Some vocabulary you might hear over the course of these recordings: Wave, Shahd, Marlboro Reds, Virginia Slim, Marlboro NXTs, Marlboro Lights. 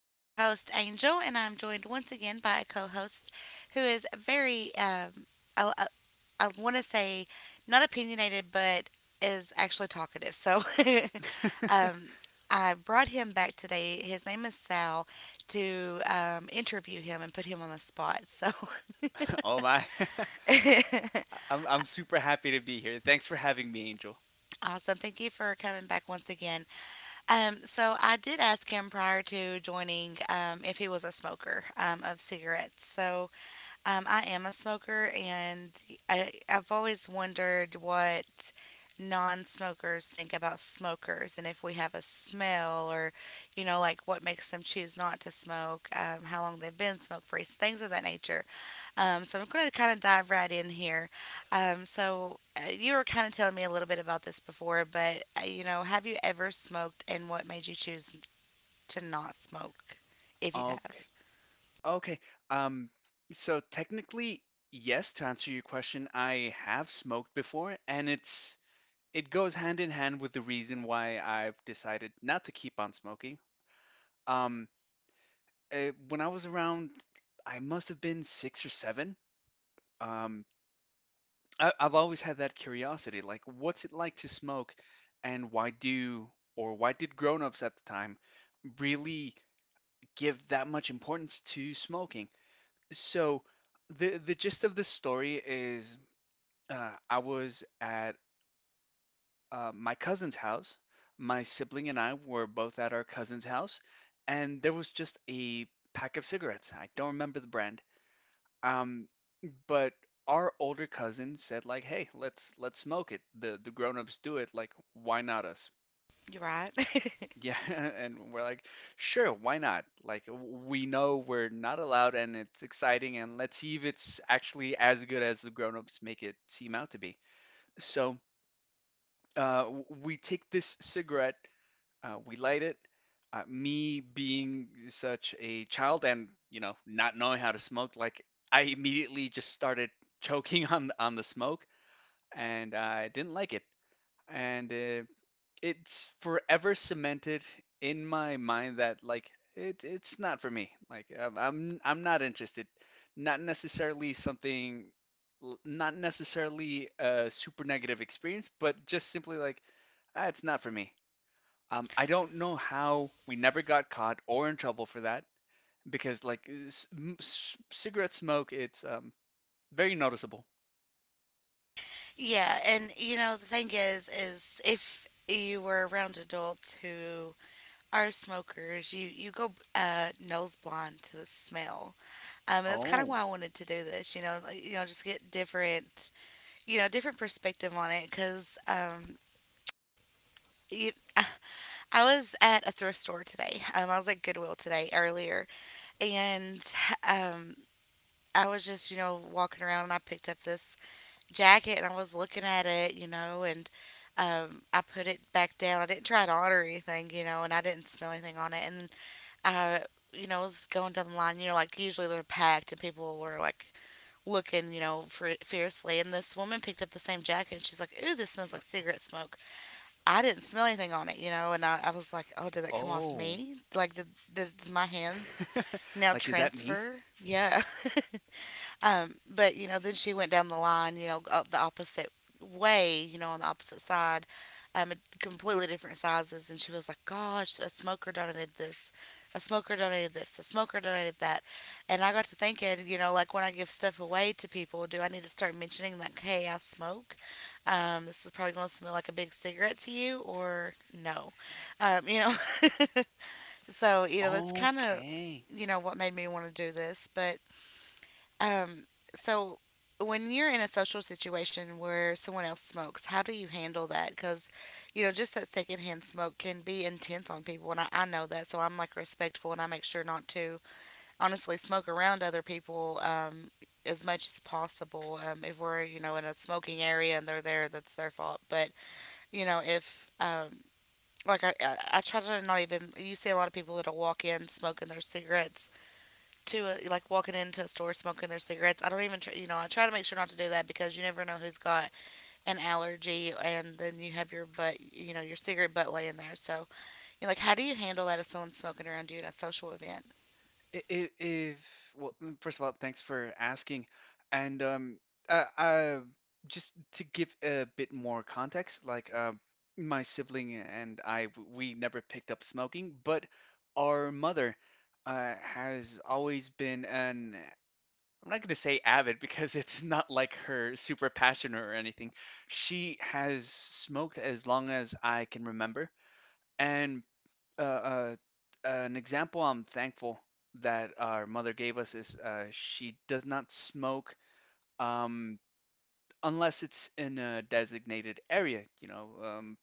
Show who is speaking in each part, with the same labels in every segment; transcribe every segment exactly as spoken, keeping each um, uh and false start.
Speaker 1: I am your host, Angel, and I'm joined once again by a co host who is very, um, I, I, I want to say, not opinionated, but is actually talkative. So um, I brought him back today. His name is Sal to um, interview him and put him on the spot. So
Speaker 2: Oh my. I'm I'm super happy to be here. Thanks for having me, Angel.
Speaker 1: Awesome. Thank you for coming back once again. Um, so I did ask him prior to joining, um, if he was a smoker, um, of cigarettes. So um, I am a smoker, and I, I've always wondered what non-smokers think about smokers and if we have a smell, or, you know, like what makes them choose not to smoke, um, how long they've been smoke-free, things of that nature. Um, so I'm going to kind of dive right in here. Um, so uh, you were kind of telling me a little bit about this before, but uh, you know, have you ever smoked, and what made you choose to not smoke, if you
Speaker 2: Okay.
Speaker 1: have?
Speaker 2: Okay. Um so technically, yes, to answer your question, I have smoked before and it's it goes hand in hand with the reason why I've decided not to keep on smoking. Um uh, when I was around I must have been six or seven. Um I, I've always had that curiosity, like what's it like to smoke, and why do or why did grown-ups at the time really give that much importance to smoking? So the the gist of this story is uh, I was at uh, my cousin's house. My sibling and I were both at our cousin's house, and there was just a pack of cigarettes. I don't remember the brand. Um, but our older cousin said like, "Hey, let's let's smoke it. The the grown-ups do it. Like, why not us?"
Speaker 1: You're right.
Speaker 2: Yeah, and we're like, "Sure, why not? Like, we know we're not allowed, and it's exciting, and let's see if it's actually as good as the grown-ups make it seem out to be." So, uh, w- we take this cigarette. Uh, we light it. Uh, me being such a child and you know not knowing how to smoke, like I immediately just started choking on on the smoke, and I didn't like it. And uh, It's forever cemented in my mind that like it it's not for me. Like I'm I'm, I'm not interested. Not necessarily something, not necessarily a super negative experience, but just simply like, ah, it's not for me. Um, I don't know how we never got caught or in trouble for that because like s- m- s- cigarette smoke, it's um, very noticeable.
Speaker 1: Yeah, and you know, the thing is, is if you were around adults who are smokers, you you go uh, nose blind to the smell. Um, and that's kind of
Speaker 2: Oh,
Speaker 1: why I wanted to do this. You know, like, you know, just get different, you know, different perspective on it, because um, You, I was at a thrift store today. Um, I was at Goodwill today earlier, and um, I was just, you know, walking around, and I picked up this jacket and I was looking at it, you know, and um, I put it back down. I didn't try it on or anything, you know, and I didn't smell anything on it. And uh, you know, I was going down the line. You know, like, usually they're packed and people were like looking, you know, for fiercely. And this woman picked up the same jacket and she's like, "Ooh, this smells like
Speaker 2: uh,
Speaker 1: cigarette smoke." I didn't smell anything on it, you know, and I, I was like, oh, did that come off
Speaker 2: oh,
Speaker 1: me? Like, did, does, does my hands now
Speaker 2: like, is that me?
Speaker 1: transfer? Yeah. Um, but you know, then she went down the line, you know, up the opposite way, you know, on the opposite side, um, completely different sizes, and she was like, "Gosh, a smoker donated this, a smoker donated this, a smoker donated that," and I got to thinking, you know, like, when I give stuff away to people, do I need to start mentioning like, "Hey, I smoke. Um, this is probably going to smell like a big cigarette to you," or no, um, you know. So you know, that's kind of,
Speaker 2: Okay.
Speaker 1: you know, what made me want to do this, but um, so when you're in a social situation where someone else smokes, how do you handle that? Because, you know, just that secondhand smoke can be intense on people, and I, I know that, so I'm like respectful and I make sure not to honestly smoke around other people, um, as much as possible. Um, if we're, you know, in a smoking area and they're there, that's their fault. But, you know, if, um, like, I, I, I try to not even. You see a lot of people that'll walk in smoking their cigarettes, to a, like walking into a store smoking their cigarettes. I don't even try, you know, I try to make sure not to do that, because you never know who's got an allergy, and then you have your butt, you know, your cigarette butt laying there. So you're like, how do you handle that if someone's smoking around you at a social event?
Speaker 2: I- i- If, well, mm, first of all, thanks for asking. And um, uh, uh, just to give a bit more context, like uh, my sibling and I, w- we never picked up smoking, but our mother uh, has always been an, I'm not going to say avid because it's not like her super passion or anything. She has smoked as long as I can remember. And uh, uh, an example I'm thankful that our mother gave us is uh, she does not smoke um, unless it's in a designated area, you know, um,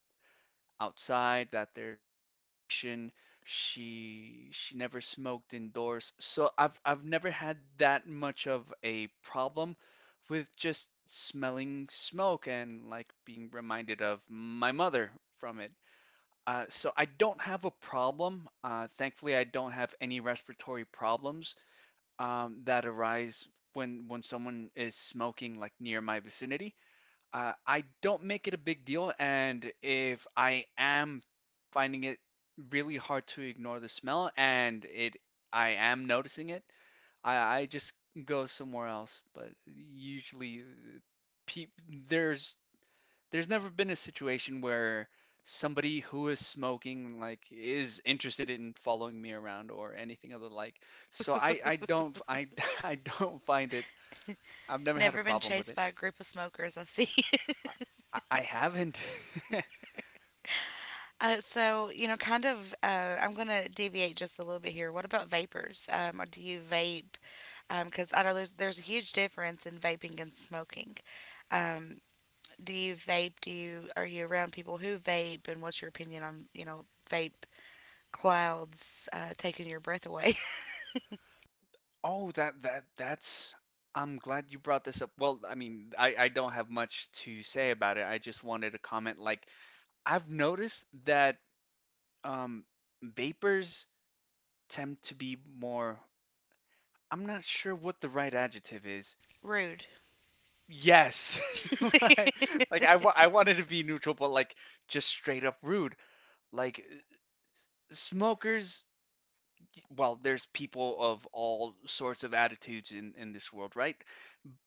Speaker 2: outside that there's ventilation. She she never smoked indoors, so I've I've never had that much of a problem with just smelling smoke and like being reminded of my mother from it. Uh, so I don't have a problem. Uh, thankfully, I don't have any respiratory problems um, that arise when when someone is smoking like near my vicinity. Uh, I don't make it a big deal, and if I am finding it really hard to ignore the smell, and it I am noticing it, I, I just go somewhere else. But usually, pe- there's there's never been a situation where somebody who is smoking like is interested in following me around or anything of the like. So I I don't I I don't find it. I've never had a
Speaker 1: Never been
Speaker 2: problem with
Speaker 1: chased
Speaker 2: it.
Speaker 1: by a group of smokers. I see.
Speaker 2: I, I I haven't.
Speaker 1: Uh, so you know, kind of. Uh, I'm gonna deviate just a little bit here. What about vapors? Um, or do you vape? Because I know there's there's a huge difference in vaping and smoking. Um, do you vape? Do you, are you around people who vape? And what's your opinion on, you know, vape clouds, uh, taking your breath away?
Speaker 2: Oh, that that that's I'm glad you brought this up. Well, I mean, I I don't have much to say about it. I just wanted to comment like I've noticed that um vapors tend to be more I'm not sure what the right adjective is.
Speaker 1: Rude.
Speaker 2: Yes. Like, like I, wa- I wanted to be neutral, but like just straight up rude. Like smokers, well, there's people of all sorts of attitudes in, in this world, right?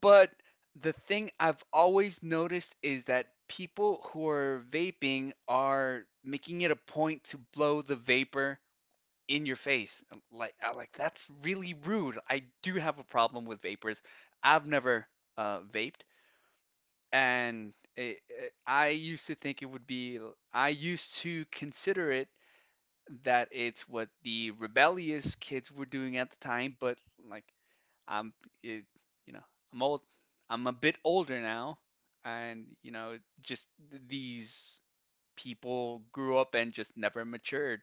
Speaker 2: But the thing I've always noticed is that people who are vaping are making it a point to blow the vapor in your face. Like, I like that's really rude. I do have a problem with vapors. I've never uh, vaped, and it, it- I used to think it would be, I used to consider it that it's what the rebellious kids were doing at the time, but like I'm, it, you know, I'm old, I'm a bit older now, and you know, just th- these people grew up and just never matured.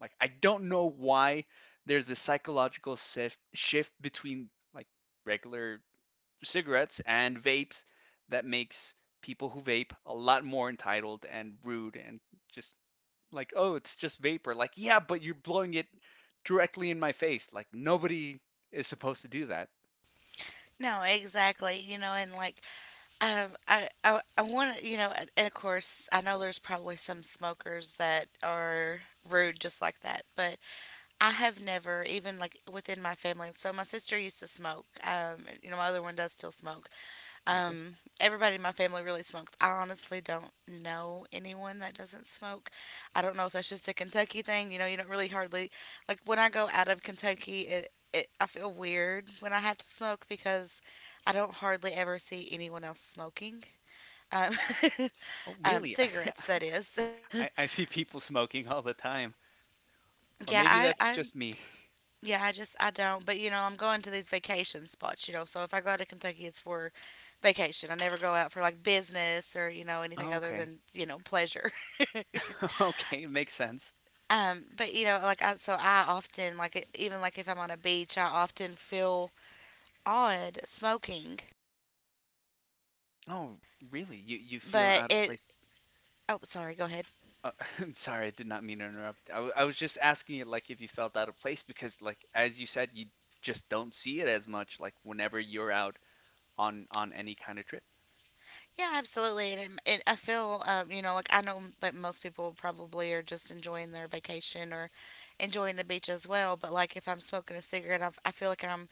Speaker 2: Like I don't know why there's a psychological shift shift between like regular cigarettes and vapes that makes people who vape a lot more entitled and rude and just like, oh, it's just vapor. Like, yeah, but you're blowing it directly in my face. Like, nobody is supposed to do that.
Speaker 1: No, exactly. You know, and like, um, I I I want to, you know, and, and of course, I know there's probably some smokers that are rude just like that, but I have never, even like within my family. So my sister used to smoke. Um, you know, my other one does still smoke.
Speaker 2: Okay.
Speaker 1: Um, Everybody in my family really smokes. I honestly don't know anyone that doesn't smoke. I don't know if that's just a Kentucky thing. You know, you don't really, hardly, like, when I go out of Kentucky. It, it I feel weird when I have to smoke because I don't hardly ever see anyone else smoking. Um,
Speaker 2: Oh,
Speaker 1: um,
Speaker 2: really?
Speaker 1: cigarettes, that is.
Speaker 2: I, I see people smoking all the time. Or
Speaker 1: yeah,
Speaker 2: maybe that's
Speaker 1: I, I
Speaker 2: just me.
Speaker 1: Yeah, I just, I don't. But you know, I'm going to these vacation spots. You know, so if I go out to Kentucky, it's for vacation. I never go out for like business or, you know, anything
Speaker 2: Oh,
Speaker 1: other
Speaker 2: okay.
Speaker 1: than, you know, pleasure.
Speaker 2: Okay, it makes sense.
Speaker 1: Um, but you know, like, I, so I often like it, even like if I'm on a beach, I often feel odd smoking.
Speaker 2: Oh, really? You you feel
Speaker 1: But
Speaker 2: out of
Speaker 1: it
Speaker 2: place.
Speaker 1: Oh, sorry, go ahead.
Speaker 2: Uh, I'm sorry, I did not mean to interrupt. I, w- I was just asking you, like, if you felt out of place because, like, as you said, you just don't see it as much, like, whenever you're out on on any kind of trip.
Speaker 1: Yeah, absolutely, and, it, it, I feel, um, you know, like, I know that most people probably are just enjoying their vacation or enjoying the beach as well. But like if I'm smoking a cigarette, i I feel like I'm,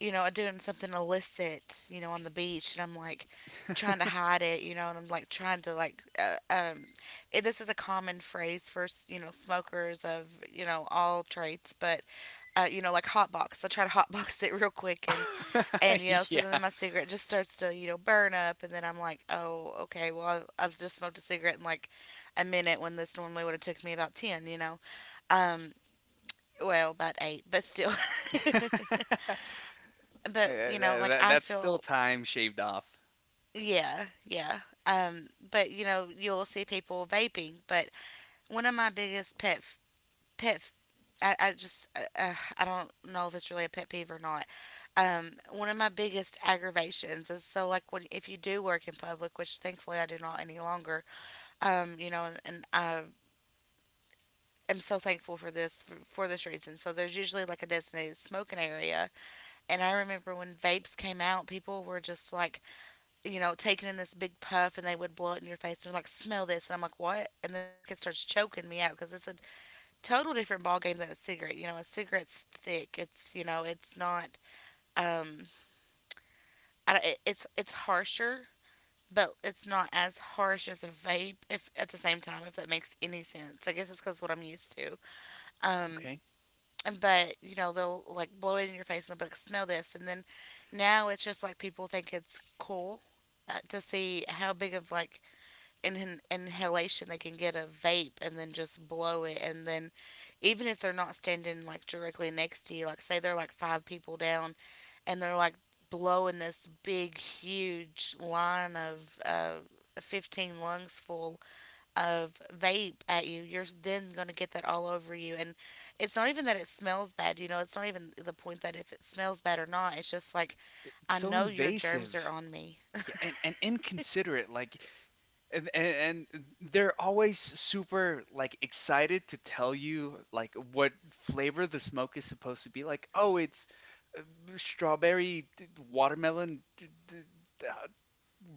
Speaker 1: you know, doing something illicit, you know, on the beach, and I'm like trying to hide it, you know, and I'm like trying to like, uh, um, it, this is a common phrase for, you know, smokers of, you know, all traits, but uh, you know, like, hotbox. I try to hotbox it real quick, and and you know, so
Speaker 2: Yeah.
Speaker 1: then my cigarette just starts to, you know, burn up, and then I'm like, oh, okay, well, I've, I've just smoked a cigarette in like a minute when this normally would have took me about ten, you know, um, well, about eight, but still. but
Speaker 2: Eh,
Speaker 1: you know
Speaker 2: that-
Speaker 1: like
Speaker 2: that-
Speaker 1: I
Speaker 2: that's still
Speaker 1: feel
Speaker 2: time shaved off.
Speaker 1: Yeah, yeah. Um, but you know, you'll see people vaping. But one of my biggest pet f- pet, f- I, I just uh, uh, I don't know if it's really a pet peeve or not. Um, one of my biggest aggravations is, so like, when, if you do work in public, which thankfully I do not any longer. Um, you know, and, and I am so thankful for this, for, for this reason. So there's usually like a designated smoking area, and I remember when vapes came out, people were just like, you know, taking in this big puff and they would blow it in your face and like, smell this, and I'm like, what? And then like, it starts choking me out because it's a total different ball game than a cigarette. You know, a cigarette's thick, it's, you know, it's not, um I, it- it's it's harsher, but it's not as harsh as a vape, if, at the same time, if that makes any sense. I guess it's because what I'm used to. um
Speaker 2: Okay.
Speaker 1: but you know, they'll like blow it in your face and they'll be like, smell this, and then now it's just like people think it's cool, uh, to see how big of, like, in an inhalation, they can get a vape and then just blow it. And then, even if they're not standing like directly next to you, like, say they're like five people down and they're like blowing this big, huge line of uh, fifteen lungs full of vape at you, you're then going to get that all over you. And it's not even that it smells bad, you know, it's not even the point that if it smells bad or not. It's just like,
Speaker 2: It's
Speaker 1: I
Speaker 2: so
Speaker 1: know your germs
Speaker 2: invasive.
Speaker 1: are on me.
Speaker 2: Yeah, and, and inconsiderate. Like, and, and and they're always super like excited to tell you like what flavor the smoke is supposed to be like oh it's uh, strawberry d- watermelon d- d- uh,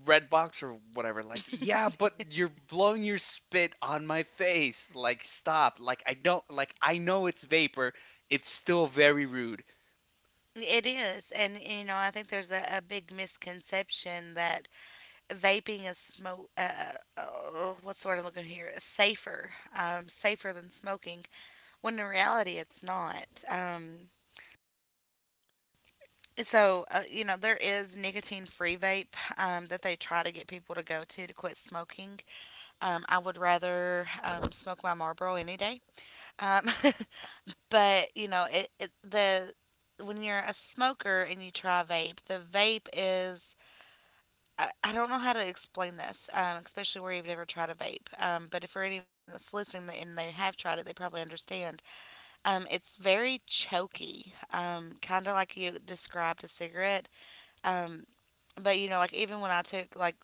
Speaker 2: red box or whatever like yeah but you're blowing your spit on my face like stop like I don't like I know it's vapor it's still very rude.
Speaker 1: It is, and you know, I think there's a, a big misconception that vaping is smoke. Uh, uh, what's the word I'm looking here? Safer, um, safer than smoking. When in reality, it's not. Um, so uh, you know, there is nicotine-free vape, um, that they try to get people to go to to quit smoking. Um, I would rather, um, smoke my Marlboro any day. Um, but you know, it, it the, when you're a smoker and you try vape, the vape is, I, I don't know how to explain this, um, especially where you've never tried a vape. Um, but if, for anyone that's listening and they have tried it, they probably understand. Um, it's very choky, um, kind of like you described a cigarette. Um, but you know, like, even when I took like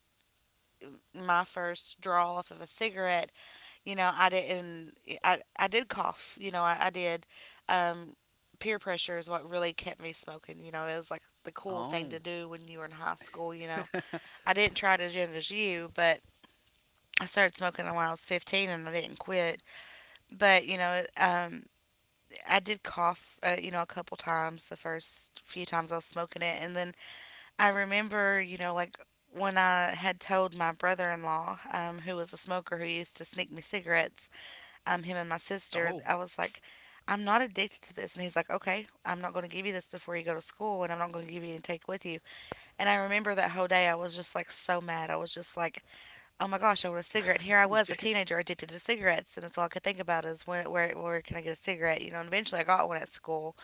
Speaker 1: my first draw off of a cigarette, you know, I didn't. I I did cough. You know, I, I did. Um, Peer pressure is what really kept me smoking. You know, it was like the cool thing to
Speaker 2: Oh.
Speaker 1: do when you were in high school. You know, I didn't try it as young as you, but I started smoking when I was fifteen and I didn't quit. But, you know, um, I did cough, uh, you know, a couple times the first few times I was smoking it. And then I remember, you know, like when I had told my brother in law, um, who was a smoker who used to sneak me cigarettes, um, him and my sister,
Speaker 2: Oh.
Speaker 1: I was like, I'm not addicted to this. And he's like, okay, I'm not going to give you this before you go to school and I'm not going to give you and take with you. And I remember that whole day I was just like so mad. I was just like, oh my gosh, I want a cigarette. And here I was, a teenager addicted to cigarettes, and that's all I could think about is when, where, where can I get a cigarette? You know, and eventually I got one at school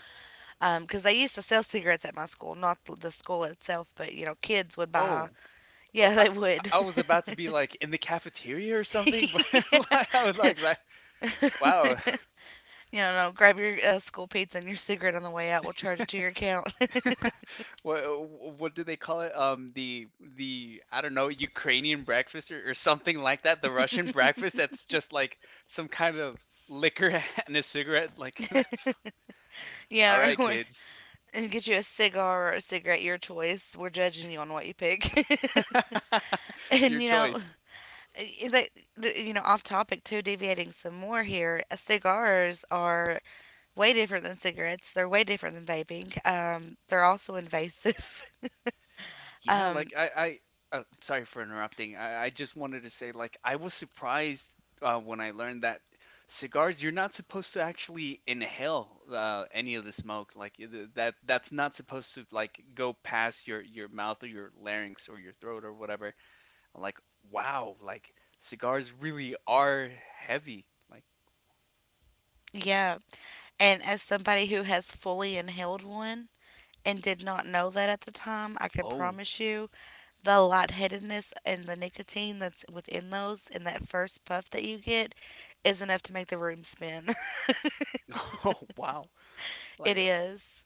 Speaker 1: um, because they used to sell cigarettes at my school, not the school itself, but you know, kids would buy.
Speaker 2: Oh. Oh,
Speaker 1: Yeah,
Speaker 2: I,
Speaker 1: they would.
Speaker 2: I was about to be like in the cafeteria or something, but like, I was
Speaker 1: Yeah.
Speaker 2: like, like wow.
Speaker 1: You know, no, grab your uh, school pizza and your cigarette on the way out. We'll charge it to your account.
Speaker 2: what what do they call it? Um, the the I don't know Ukrainian breakfast or, or something like that. The Russian breakfast that's just like some kind of liquor and a cigarette. Like that's all
Speaker 1: Yeah,
Speaker 2: right,
Speaker 1: or, or
Speaker 2: kids.
Speaker 1: and get you a cigar or a cigarette, your choice. We're judging you on what you pick.
Speaker 2: Your
Speaker 1: And you know,
Speaker 2: choice.
Speaker 1: i- that th- you know off topic, too, deviating some more here, uh, cigars are way different than cigarettes. They're way different than vaping. Um, they're also invasive.
Speaker 2: Yeah, like
Speaker 1: um,
Speaker 2: I, I uh, sorry for interrupting. I, I just wanted to say, like, I was surprised uh, when I learned that cigars, you're not supposed to actually inhale uh, any of the smoke. Like y- th- that, that's not supposed to like go past your your mouth or your larynx or your throat or whatever. I'm like, wow, like cigars really are heavy. Like,
Speaker 1: yeah, and as somebody who has fully inhaled one and did not know that at the time, I can
Speaker 2: oh,
Speaker 1: promise you the lightheadedness and the nicotine that's within those, in that first puff that you get, is enough to make the room spin.
Speaker 2: oh, wow.
Speaker 1: It
Speaker 2: Like, uh,
Speaker 1: is.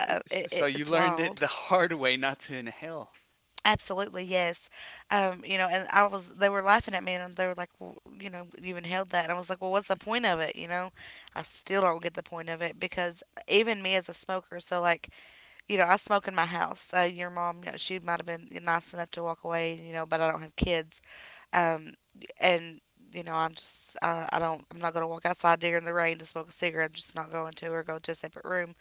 Speaker 1: uh,
Speaker 2: s-
Speaker 1: it,
Speaker 2: so
Speaker 1: it,
Speaker 2: you
Speaker 1: it's
Speaker 2: learned it
Speaker 1: wild.
Speaker 2: the hard way not to inhale.
Speaker 1: Absolutely, yes. Um, you know, and I was, they were laughing at me and they were like, well, you know, you inhaled that. And I was like, well, what's the point of it? You know, I still don't get the point of it because even me as a smoker, so like, you know, I smoke in my house. Uh, your mom, you know, she might have been nice enough to walk away, you know, but I don't have kids. Um, and, you know, I'm just, I, I don't, I'm not going to walk outside during the rain to smoke a cigarette. I'm just not going to or go to a separate room.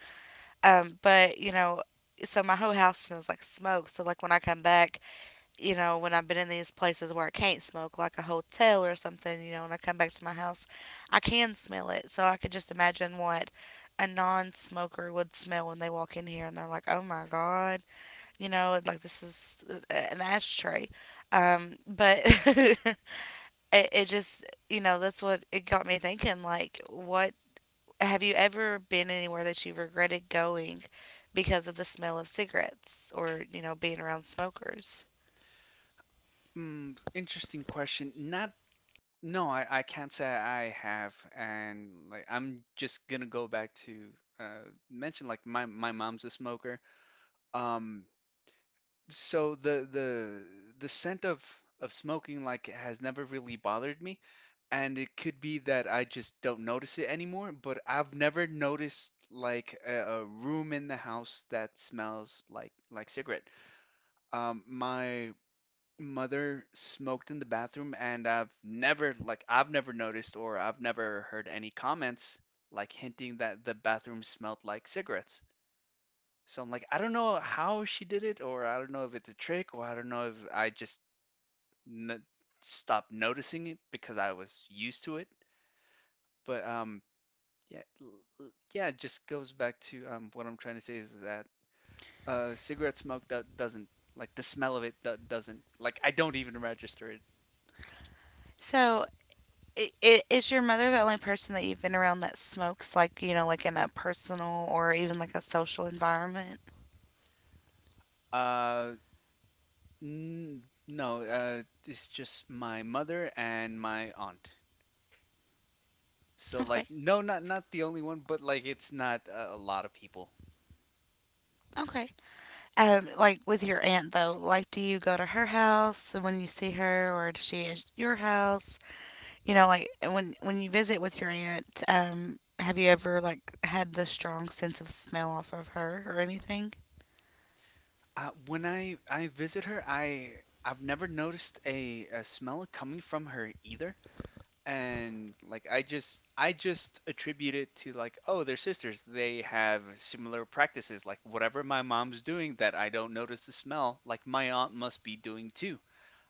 Speaker 1: Um, but, you know, so my whole house smells like smoke. So like when I come back, you know, when I've been in these places where I can't smoke, like a hotel or something, you know, when I come back to my house, I can smell it. So I could just imagine what a non smoker would smell when they walk in here and they're like, oh my God, you know, like this is uh, an ashtray. Um, but it, it just, you know, that's what it got me thinking. Like, what — have you ever been anywhere that you've regretted going because of the smell of cigarettes or, you know, being around smokers?
Speaker 2: Mm, interesting question. Not no, I, I can't say I have, and like I'm just gonna go back to uh, mention like my my mom's a smoker. Um, so the the the scent of of smoking like has never really bothered me, and it could be that I just don't notice it anymore. But I've never noticed like a, a room in the house that smells like like cigarette. Um, my mother smoked in the bathroom and I've never like I've never noticed or I've never heard any comments like hinting that the bathroom smelled like cigarettes. So I'm like, I don't know how she did it or I don't know if it's a trick or I don't know if I just n- stopped noticing it because I was used to it. But um yeah l- l- yeah, it just goes back to um what I'm trying to say is that uh cigarette smoke do- doesn't like the smell of it do- doesn't like I don't even register it.
Speaker 1: So I- i- is your mother the only person that you've been around that smokes, like, you know, like in a personal or even like a social environment?
Speaker 2: Uh, N No, uh, it's just my mother and my aunt. So like,
Speaker 1: Okay.
Speaker 2: no, not not the only one, but like, it's not a, a lot of people.
Speaker 1: Okay. Um, like with your aunt though, like do you go to her house when you see her or does she at your house? You know, like when when you visit with your aunt, um, have you ever like had the strong sense of smell off of her or anything?
Speaker 2: Uh, when I I visit her, I I've never noticed a, a smell coming from her either. And like, I just I just attribute it to like, oh, they're sisters. They have similar practices. Like whatever my mom's doing that I don't notice the smell, like my aunt must be doing too.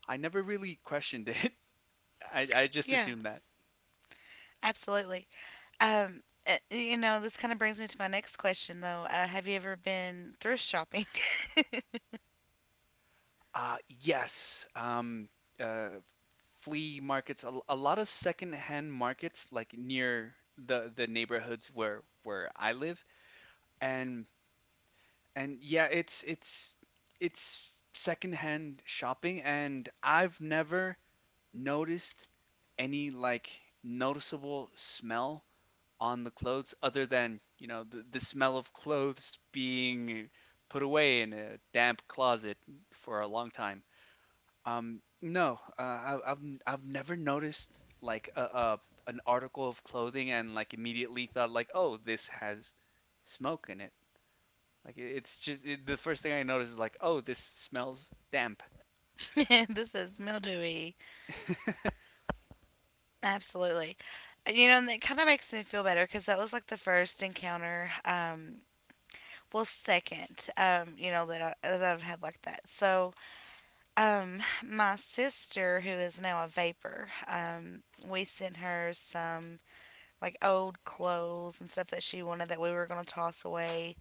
Speaker 2: I never really questioned it. I, I just
Speaker 1: Yeah,
Speaker 2: assumed.
Speaker 1: absolutely. Um, uh, you know, this kind of brings me to my next question though. Uh, have you ever been thrift shopping?
Speaker 2: Uh, yes. Um, uh, Flea markets, a, a lot of secondhand markets, like near the the neighborhoods where where I live, and and yeah, it's it's it's secondhand shopping, and I've never noticed any like noticeable smell on the clothes other than, you know, the, the smell of clothes being put away in a damp closet for a long time. Um, no, uh, I, I've i I've never noticed like a, a an article of clothing and like immediately thought like, oh, this has smoke in it. Like it, it's just it, the first thing I notice is like, oh, this smells damp.
Speaker 1: This is mildewy. Absolutely. You know, and that kind of makes me feel better because that was like the first encounter. Um, well, second, um, you know, that, I, that I've had like that. So, um, my sister, who is now a vapor, um, we sent her some like old clothes and stuff that she wanted that we were going to toss away.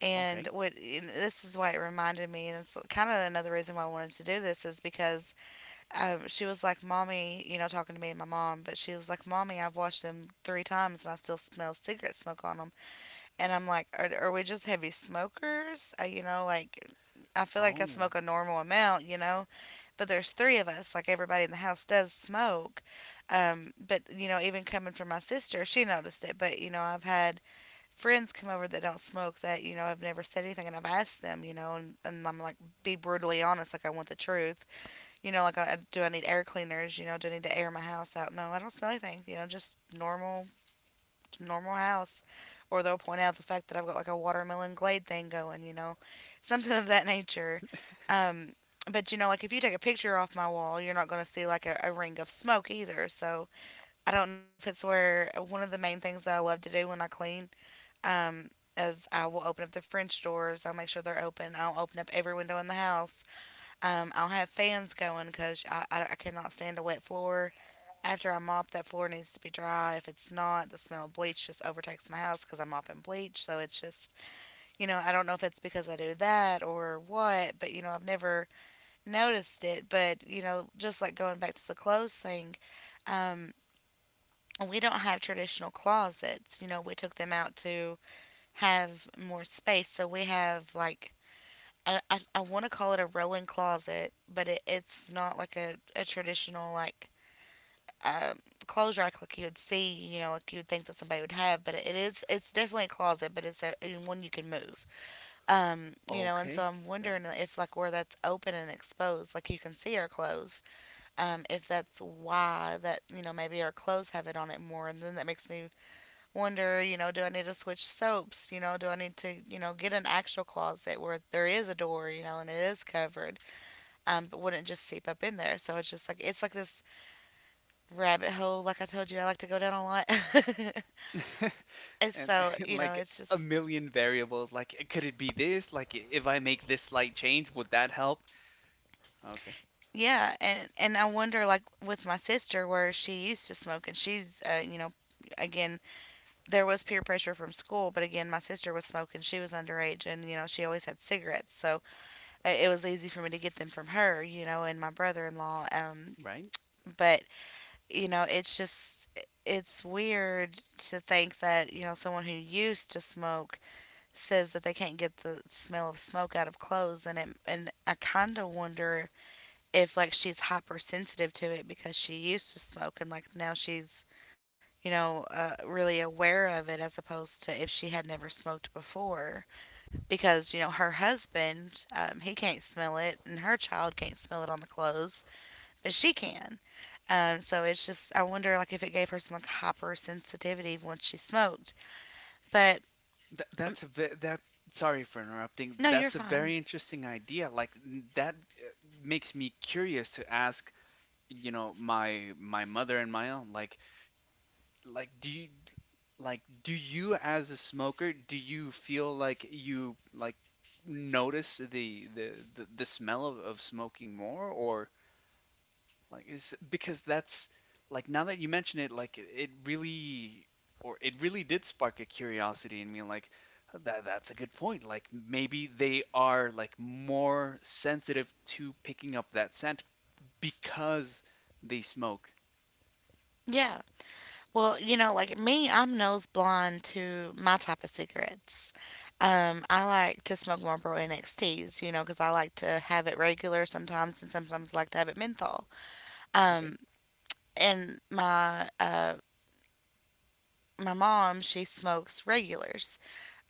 Speaker 1: And
Speaker 2: Okay.
Speaker 1: what — and this is why it reminded me, and it's kind of another reason why I wanted to do this is because um, she was like, Mommy, you know, talking to me and my mom, but she was like, Mommy, I've watched them three times and I still smell cigarette smoke on them. And I'm like, Are, are we just heavy smokers? Uh, you know, like, I feel like I
Speaker 2: Oh,
Speaker 1: smoke a normal amount, you know, but there's three of us, like, everybody in the house does smoke. Um, but, you know, even coming from my sister, she noticed it, but, you know, I've had friends come over that don't smoke that, you know, I have never said anything, and I've asked them, you know, and, and I'm like, be brutally honest, like, I want the truth. You know, like, I, do I need air cleaners? You know, do I need to air my house out? No, I don't smell anything. You know, just normal, normal house. Or they'll point out the fact that I've got like a watermelon glade thing going. You know, something of that nature. Um, but you know, like if you take a picture off my wall, you're not going to see like a, a ring of smoke either. So I don't know if it's where uh, one of the main things that I love to do when I clean. Um, is I will open up the French doors. I'll make sure they're open. I'll open up every window in the house. Um, I'll have fans going because I, I, I cannot stand a wet floor. After I mop, that floor needs to be dry. If it's not, the smell of bleach just overtakes my house because I'm mopping bleach. So it's just, you know, I don't know if it's because I do that or what, but, you know, I've never noticed it. But, you know, just like going back to the clothes thing, um, we don't have traditional closets. You know, we took them out to have more space. So we have like — I, I, I want to call it a rolling closet, but it, it's not like a, a traditional like um, clothes rack like you would see, you know, like you would think that somebody would have. But it is — it's definitely a closet, but it's a, one you can move. Um, you know, and so
Speaker 2: okay.
Speaker 1: I'm wondering if like where that's open and exposed, like you can see our clothes. Um, if that's why that you know maybe our clothes have it on it more, and then that makes me wonder, you know, do I need to switch soaps? You know, do I need to you know get an actual closet where there is a door, you know, and it is covered? Um, but wouldn't just seep up in there. So it's just like it's like this rabbit hole. Like I told you, I like to go down a lot.
Speaker 2: That-
Speaker 1: And
Speaker 2: and,
Speaker 1: so
Speaker 2: and
Speaker 1: you know,
Speaker 2: like
Speaker 1: it's
Speaker 2: a
Speaker 1: just —
Speaker 2: million variables. Like, could it be this? Like, if I make this slight change, would that help? Okay.
Speaker 1: yeah, and and I wonder like with my sister where she used to smoke, and she's uh, you know, again, there was peer pressure from school, but again, my sister was smoking. She was underage, and you know, she always had cigarettes, so uh, it was easy for me to get them from her, you know, and my brother in law. Um,
Speaker 2: Right?
Speaker 1: but you know, it's just it's weird to think that, you know, someone who used to smoke says that they can't get the smell of smoke out of clothes, and it, and I kind of wonder if like she's hypersensitive to it because she used to smoke and like now she's, you know, uh, really aware of it as opposed to if she had never smoked before because, you know, her husband, um, he can't smell it and her child can't smell it on the clothes, but she can. Um, so it's just I wonder like if it gave her some like hypersensitivity once she smoked. But
Speaker 2: Th-
Speaker 1: um,
Speaker 2: that's a ve- that sorry for interrupting.
Speaker 1: no, you're
Speaker 2: That's a
Speaker 1: fine.
Speaker 2: very interesting idea. Like n- that uh, makes me curious to ask, you know, my my mother and my aunt, like like do you like do you as a smoker, do you feel like you like notice the the the, the smell of, of smoking more or like is because that's like now that you mention it, like it it really or it really did spark a curiosity in me. Like that that's a good point. Like maybe they are like more sensitive to picking up that scent because they smoke.
Speaker 1: Yeah. Well, you know, like me, I'm nose blind to my type of cigarettes. Um, I like to smoke Marlboro N X Ts, you know, because I like to have it regular sometimes, and sometimes I like to have it menthol.
Speaker 2: Okay.
Speaker 1: Um, and my uh, my mom, she smokes regulars,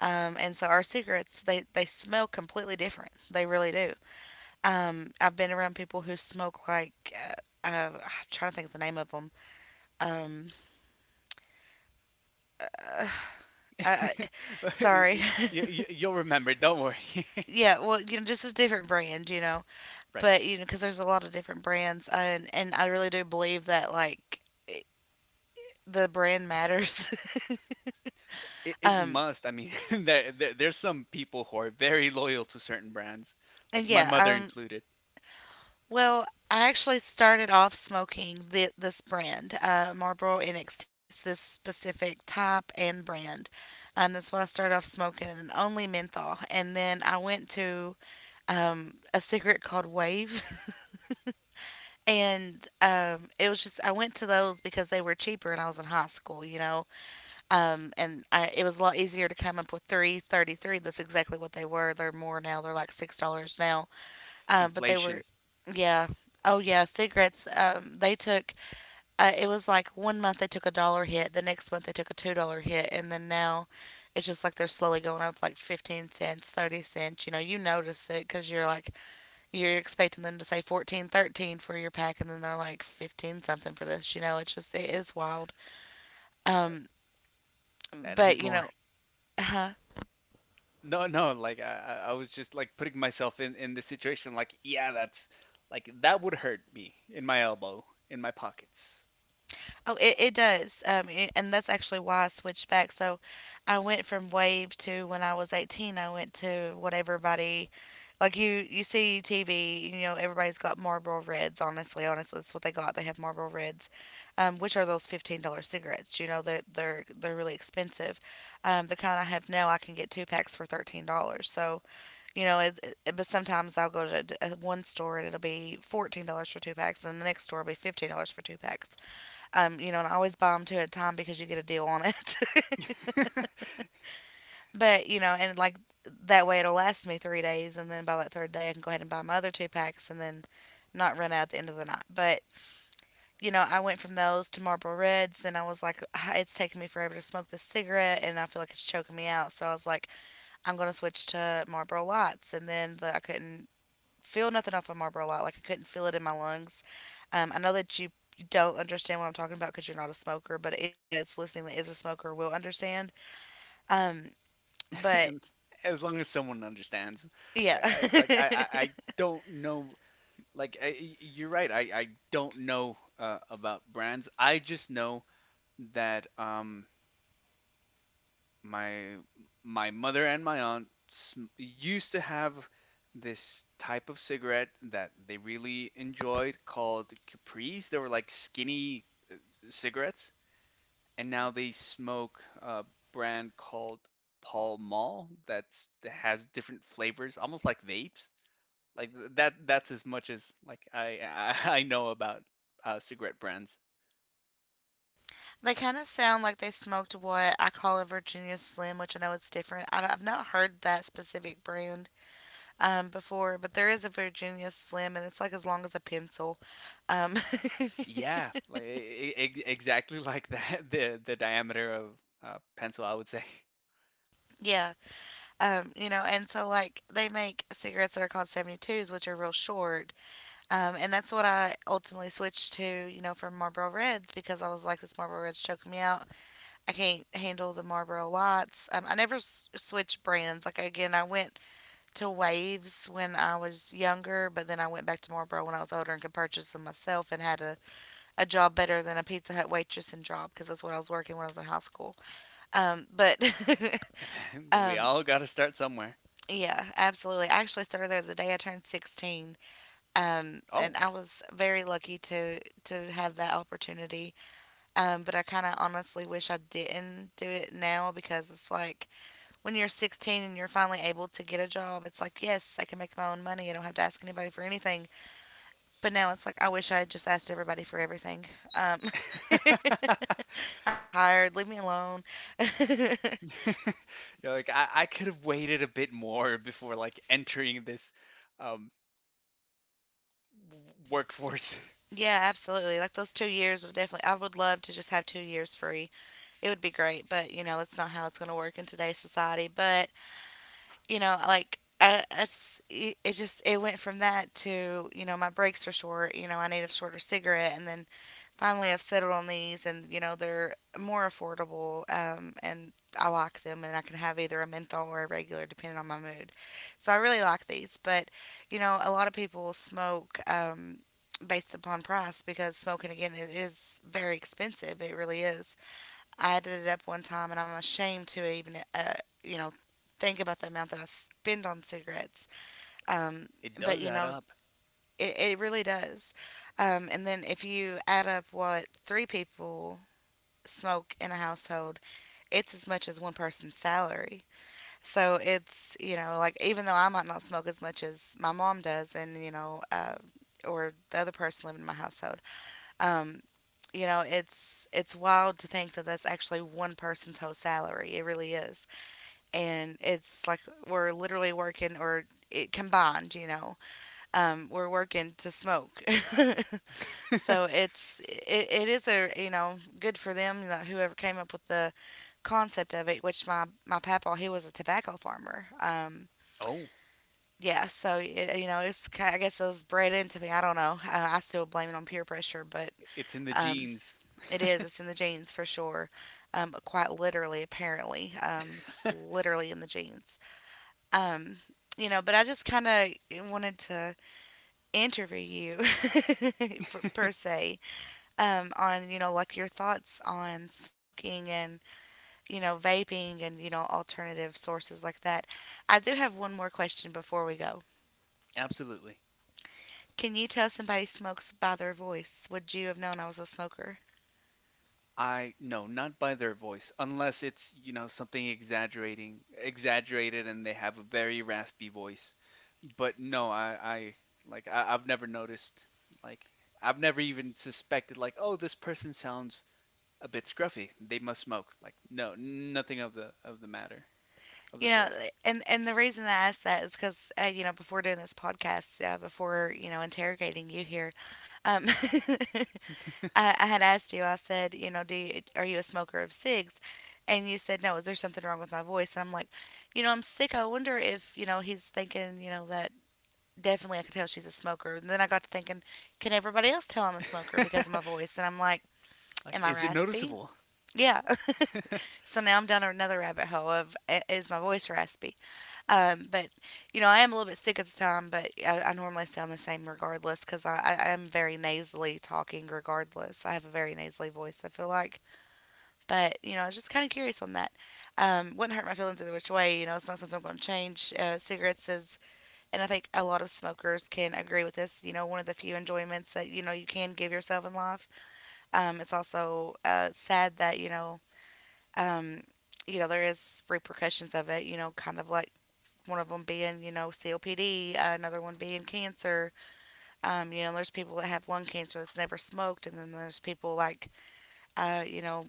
Speaker 1: um, and so our cigarettes they they smell completely different. They really do. Um, I've been around people who smoke like uh, uh, I'm trying to think of the name of them. Um, I, sorry.
Speaker 2: You, you, you'll remember, don't worry.
Speaker 1: Yeah, well, you know, just a different brand, you know.
Speaker 2: Right.
Speaker 1: But you know, because there's a lot of different brands, and and I really do believe that like it- the brand matters.
Speaker 2: It, it
Speaker 1: um,
Speaker 2: must. I mean, there, there there's some people who are very loyal to certain brands,
Speaker 1: and
Speaker 2: like my
Speaker 1: yeah,
Speaker 2: mother
Speaker 1: um,
Speaker 2: included.
Speaker 1: well, I actually started off smoking the, this brand, uh, Marlboro N X T's, this specific type and brand. Um, that's what I started off smoking, and only menthol. And then I went to um, a cigarette called Wave, and um, it was just I went to those because they were cheaper, and I was in high school, you know, um, and I, it was a lot easier to come up with three thirty three. That's exactly what they were. They're more now. They're like six dollars now, um, but they were,
Speaker 2: Inflation,
Speaker 1: yeah. Oh yeah, cigarettes. Um, they took. Uh, it was like one month they took a dollar hit. The next month they took a two dollar hit, and then now, it's just like they're slowly going up, like fifteen cents, thirty cents. You know, you notice it because you're like, you're expecting them to say fourteen, thirteen for your pack, and then they're like fifteen something for this you know it's just it is wild.
Speaker 2: uh,
Speaker 1: um
Speaker 2: that is
Speaker 1: but you
Speaker 2: more.
Speaker 1: know uh,
Speaker 2: No, no, like I, I I was just like putting myself in in the situation. Like, yeah, that's like that would hurt me in my elbow, in my pockets.
Speaker 1: Oh, it, it does. Um, a- and that's actually why I switched back. So I went from Wave to when I was eighteen, I went to what everybody, like you, you see T V, you know, everybody's got Marlboro Reds, honestly. Honestly, that's what they got. They have Marlboro Reds, um, which are those fifteen dollars cigarettes. You know, they're, they're, they're really expensive. Um, the kind I have now, I can get two packs for thirteen dollars. So, you know, it's, it, but sometimes I'll go to d- uh, one store and it'll be fourteen dollars for two packs, and the next store will be fifteen dollars for two packs. Um, you know, and I always buy them two at a time because you get a deal on it. But, you know, and like that way it'll last me three days. And then by that third day, I can go ahead and buy my other two packs and then not run out at the end of the night. But, you know, I went from those to Marlboro Reds. Then I was like, "Ah, it's taking me forever to smoke this cigarette, and I feel like it's choking me out." So I was like, "I'm going to switch to Marlboro Lights." And then the, I couldn't feel nothing off of Marlboro Light. Like I couldn't feel it in my lungs. Um, I know that you don't understand what I'm talking about because you're not a smoker, but anybody that's listening that is a smoker will understand. Um, but
Speaker 2: And as long as someone understands, I,
Speaker 1: yeah.
Speaker 2: I like I, I I don't know. Like I, y- you're right. I I don't know uh, about brands. I just know that um. my my mother and my aunt sm- used to have this type of cigarette that they really enjoyed called Capris. They were like skinny cigarettes, and now they smoke a brand called Pall Mall that's that has different flavors, almost like vapes. Like th- that that's as much as like I I I know about uh, cigarette brands.
Speaker 1: They kind of sound like they smoked what I call a Virginia Slim, which I know it's different. I, I've not heard that specific brand um, before, but there is a Virginia Slim, and it's like as long as a pencil. Um,
Speaker 2: Yeah, like e- e- ex- exactly like that the the diameter of uh, pencil, I would say.
Speaker 1: yeah. Um, you know, and so like they make cigarettes that are called seventy twos, which are real short. Um, and that's what I ultimately switched to, you know, from Marlboro Reds because I was like, this Marlboro Reds choking me out. I can't handle the Marlboro Lights. Um, I never s- switched brands. Like, again, I went to Waves when I was younger, but then I went back to Marlboro when I was older and could purchase them myself and had a, a job better than a Pizza Hut waitress and job because that's what I was working when I was in high school. Um, but,
Speaker 2: We
Speaker 1: um,
Speaker 2: all got to start somewhere.
Speaker 1: yeah, absolutely. I actually started there the day I turned sixteen. Um, and
Speaker 2: Oh,
Speaker 1: I was very lucky to to have that opportunity. Um, but I kind of honestly wish I didn't do it now because it's like when you're sixteen and you're finally able to get a job, it's like yes, I can make my own money. I don't have to ask anybody for anything. But now it's like I wish I had just asked everybody for everything. Um, I'm tired. Leave me alone.
Speaker 2: you're like I, I could have waited a bit more before like entering this um, workforce.
Speaker 1: Yeah, absolutely. Like those two years would definitely, I would love to just have two years free. It would be great, but you know, that's not how it's going to work in today's society. But you know, like I, I s- it it just it went from that to you know my breaks were short. You know, I need a shorter cigarette, and then finally I've settled on these, and you know they're more affordable, um, and I like them, and I can have either a menthol or a regular depending on my mood. So I really like these, but you know a lot of people smoke. Um, based upon price, because smoking, again, it is very expensive. It really is. I added it up one time, and I'm ashamed to even, uh, you know, think about the amount that I spend on cigarettes. Um,
Speaker 2: It
Speaker 1: but
Speaker 2: does
Speaker 1: you
Speaker 2: add
Speaker 1: know,
Speaker 2: up.
Speaker 1: it, it really does. Um, and then if you add up what three people smoke in a household, it's as much as one person's salary. So it's you know, like even though I might not smoke as much as my mom does, and you know, uh, or the other person living in my household, um, you know, it's it's wild to think that that's actually one person's whole salary. It really is, and it's like we're literally working or it combined. You know, um, we're working to smoke, so it's it, it is a you know good for them you know, whoever came up with the concept of it. Which my my papa he was a tobacco farmer. Um,
Speaker 2: Oh,
Speaker 1: yeah, so it, you know, it's ki- I guess it was bred into me. I don't know. Uh, I still blame it on peer pressure, but
Speaker 2: it's in the
Speaker 1: um,
Speaker 2: genes.
Speaker 1: it is. It's in the genes for sure. Um, quite literally, apparently. Um, it's literally in the genes. Um, you know, but I just kind of wanted to interview you for, per se um, on, you know, like your thoughts on smoking, and, you know, vaping, and, you know, alternative sources like that. I do have one more question before we go.
Speaker 2: Absolutely.
Speaker 1: Can you tell somebody smokes by their voice? Would you have known I was a smoker?
Speaker 2: I no, not by their voice, unless it's you know something exaggerating, exaggerated, and they have a very raspy voice. But no, I, I like I, I've never noticed like I've never even suspected like oh this person sounds a bit scruffy. They must smoke. Like, no, nothing of the of the matter of the
Speaker 1: you know
Speaker 2: sort.
Speaker 1: eh, and and the reason I asked that is because uh, you know before doing this podcast, uh, before you know interrogating you here, um I, I had asked you, I said, you know do you, "Are you a smoker of cigs?" And you said, "No, is there something wrong with my voice?" And I'm like, you know I'm sick, I wonder if, you know he's thinking, you know that definitely I could tell she's a smoker. And then I got to thinking, can everybody else tell I'm a smoker because of my voice? And I'm like,
Speaker 2: Like,
Speaker 1: am I
Speaker 2: is it
Speaker 1: raspy?
Speaker 2: noticeable?
Speaker 1: Yeah. So now I'm down another rabbit hole of, is my voice raspy? Um, but you know, I am a little bit sick at the time, but I, I normally sound the same regardless because I, I am very nasally talking regardless. I have a very nasally voice, I feel like, but you know, I was just kind of curious on that. Um, wouldn't hurt my feelings either which way. You know, it's not something I'm going to change. Uh, cigarettes is, and I think a lot of smokers can agree with this, you know, one of the few enjoyments that you know you can give yourself in life. Um, it's also uh, sad that you know. Um, you know there is repercussions of it you know kind of like one of them being, you know, C O P D, uh, another one being cancer. Um, you know, there's people that have lung cancer that's never smoked, and then there's people like, uh, you know,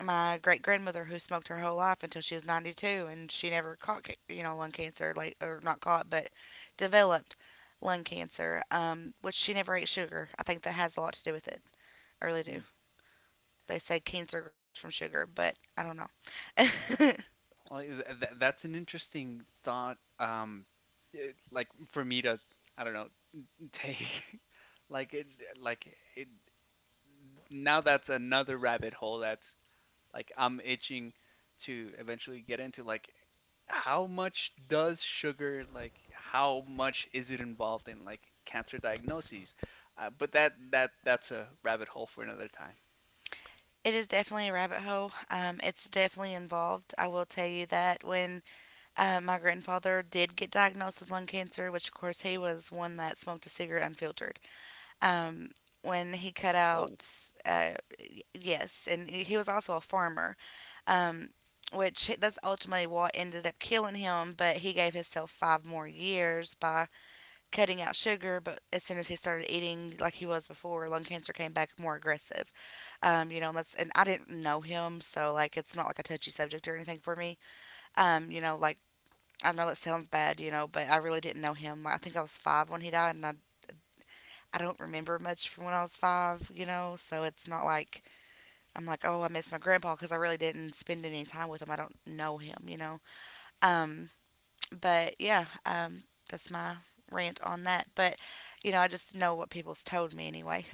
Speaker 1: my great grandmother who smoked her whole life until she was ninety-two, and she never caught, ca- you know, lung cancer, like, or not caught, but developed lung cancer, um, which she never ate sugar. I think that has a lot to do with it. I really
Speaker 2: Hmm.
Speaker 1: do. They say cancer grows from sugar, but I don't know. It
Speaker 2: Well, th- that's an interesting thought. Um, it- like for me to, I don't know, take like it, like it. Now that's another rabbit hole that's like I'm itching to eventually get into like how much does sugar like how much is it involved in like cancer diagnoses? Uh, but that that that's a rabbit hole for another time.
Speaker 1: is definitely a rabbit hole. Um, it's definitely involved. I will tell you that when Uh, my grandfather did get diagnosed with lung cancer, which, of course, he was one that smoked a cigarette unfiltered. Um, when he cut
Speaker 2: Oh.
Speaker 1: out, uh, yes, and he was also a farmer, um, which that's ultimately what ended up killing him. But he gave himself five more years by cutting out sugar. But as soon as he started eating like he was before, lung cancer came back more aggressive. Um, you know, that's And I didn't know him, so like it's not like a touchy subject or anything for me. Um, you know, like I know it sounds bad, you know, but I really didn't know him. I think I was five when he died, and I, I don't remember much from when I was five, you know, so it's not like I'm like, oh, I miss my grandpa because I really didn't spend any time with him. I don't know him, you know. Um, but yeah, um, that's my rant on that. But, you know, I just know what people's told me anyway.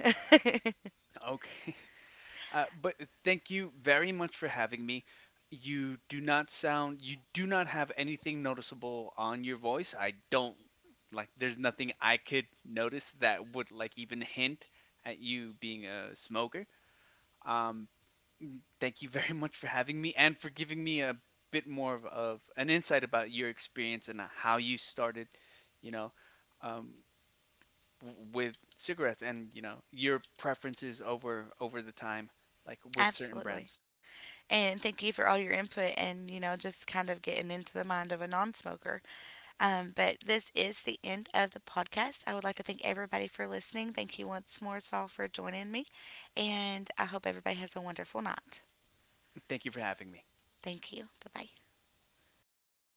Speaker 2: Okay. Uh, but thank you very much for having me. You do not sound, you do not have anything noticeable on your voice. I don't, like, there's nothing I could notice that would, like, even hint at you being a smoker. Um, Mm, thank you very much for having me and for giving me a bit more of, of an insight about your experience and how you started, you know, um, w- with cigarettes and, you know, your preferences over over the time, like with certain
Speaker 1: Absolutely.
Speaker 2: brands.
Speaker 1: And thank you for all your input, and, you know, just kind of getting into the mind of a non smoker. Um, but this is the end of the podcast. I would like to thank everybody for listening. Thank you once more, Saul, for joining me. And I hope everybody has a wonderful night.
Speaker 2: Thank you for having me.
Speaker 1: Thank you. Bye bye.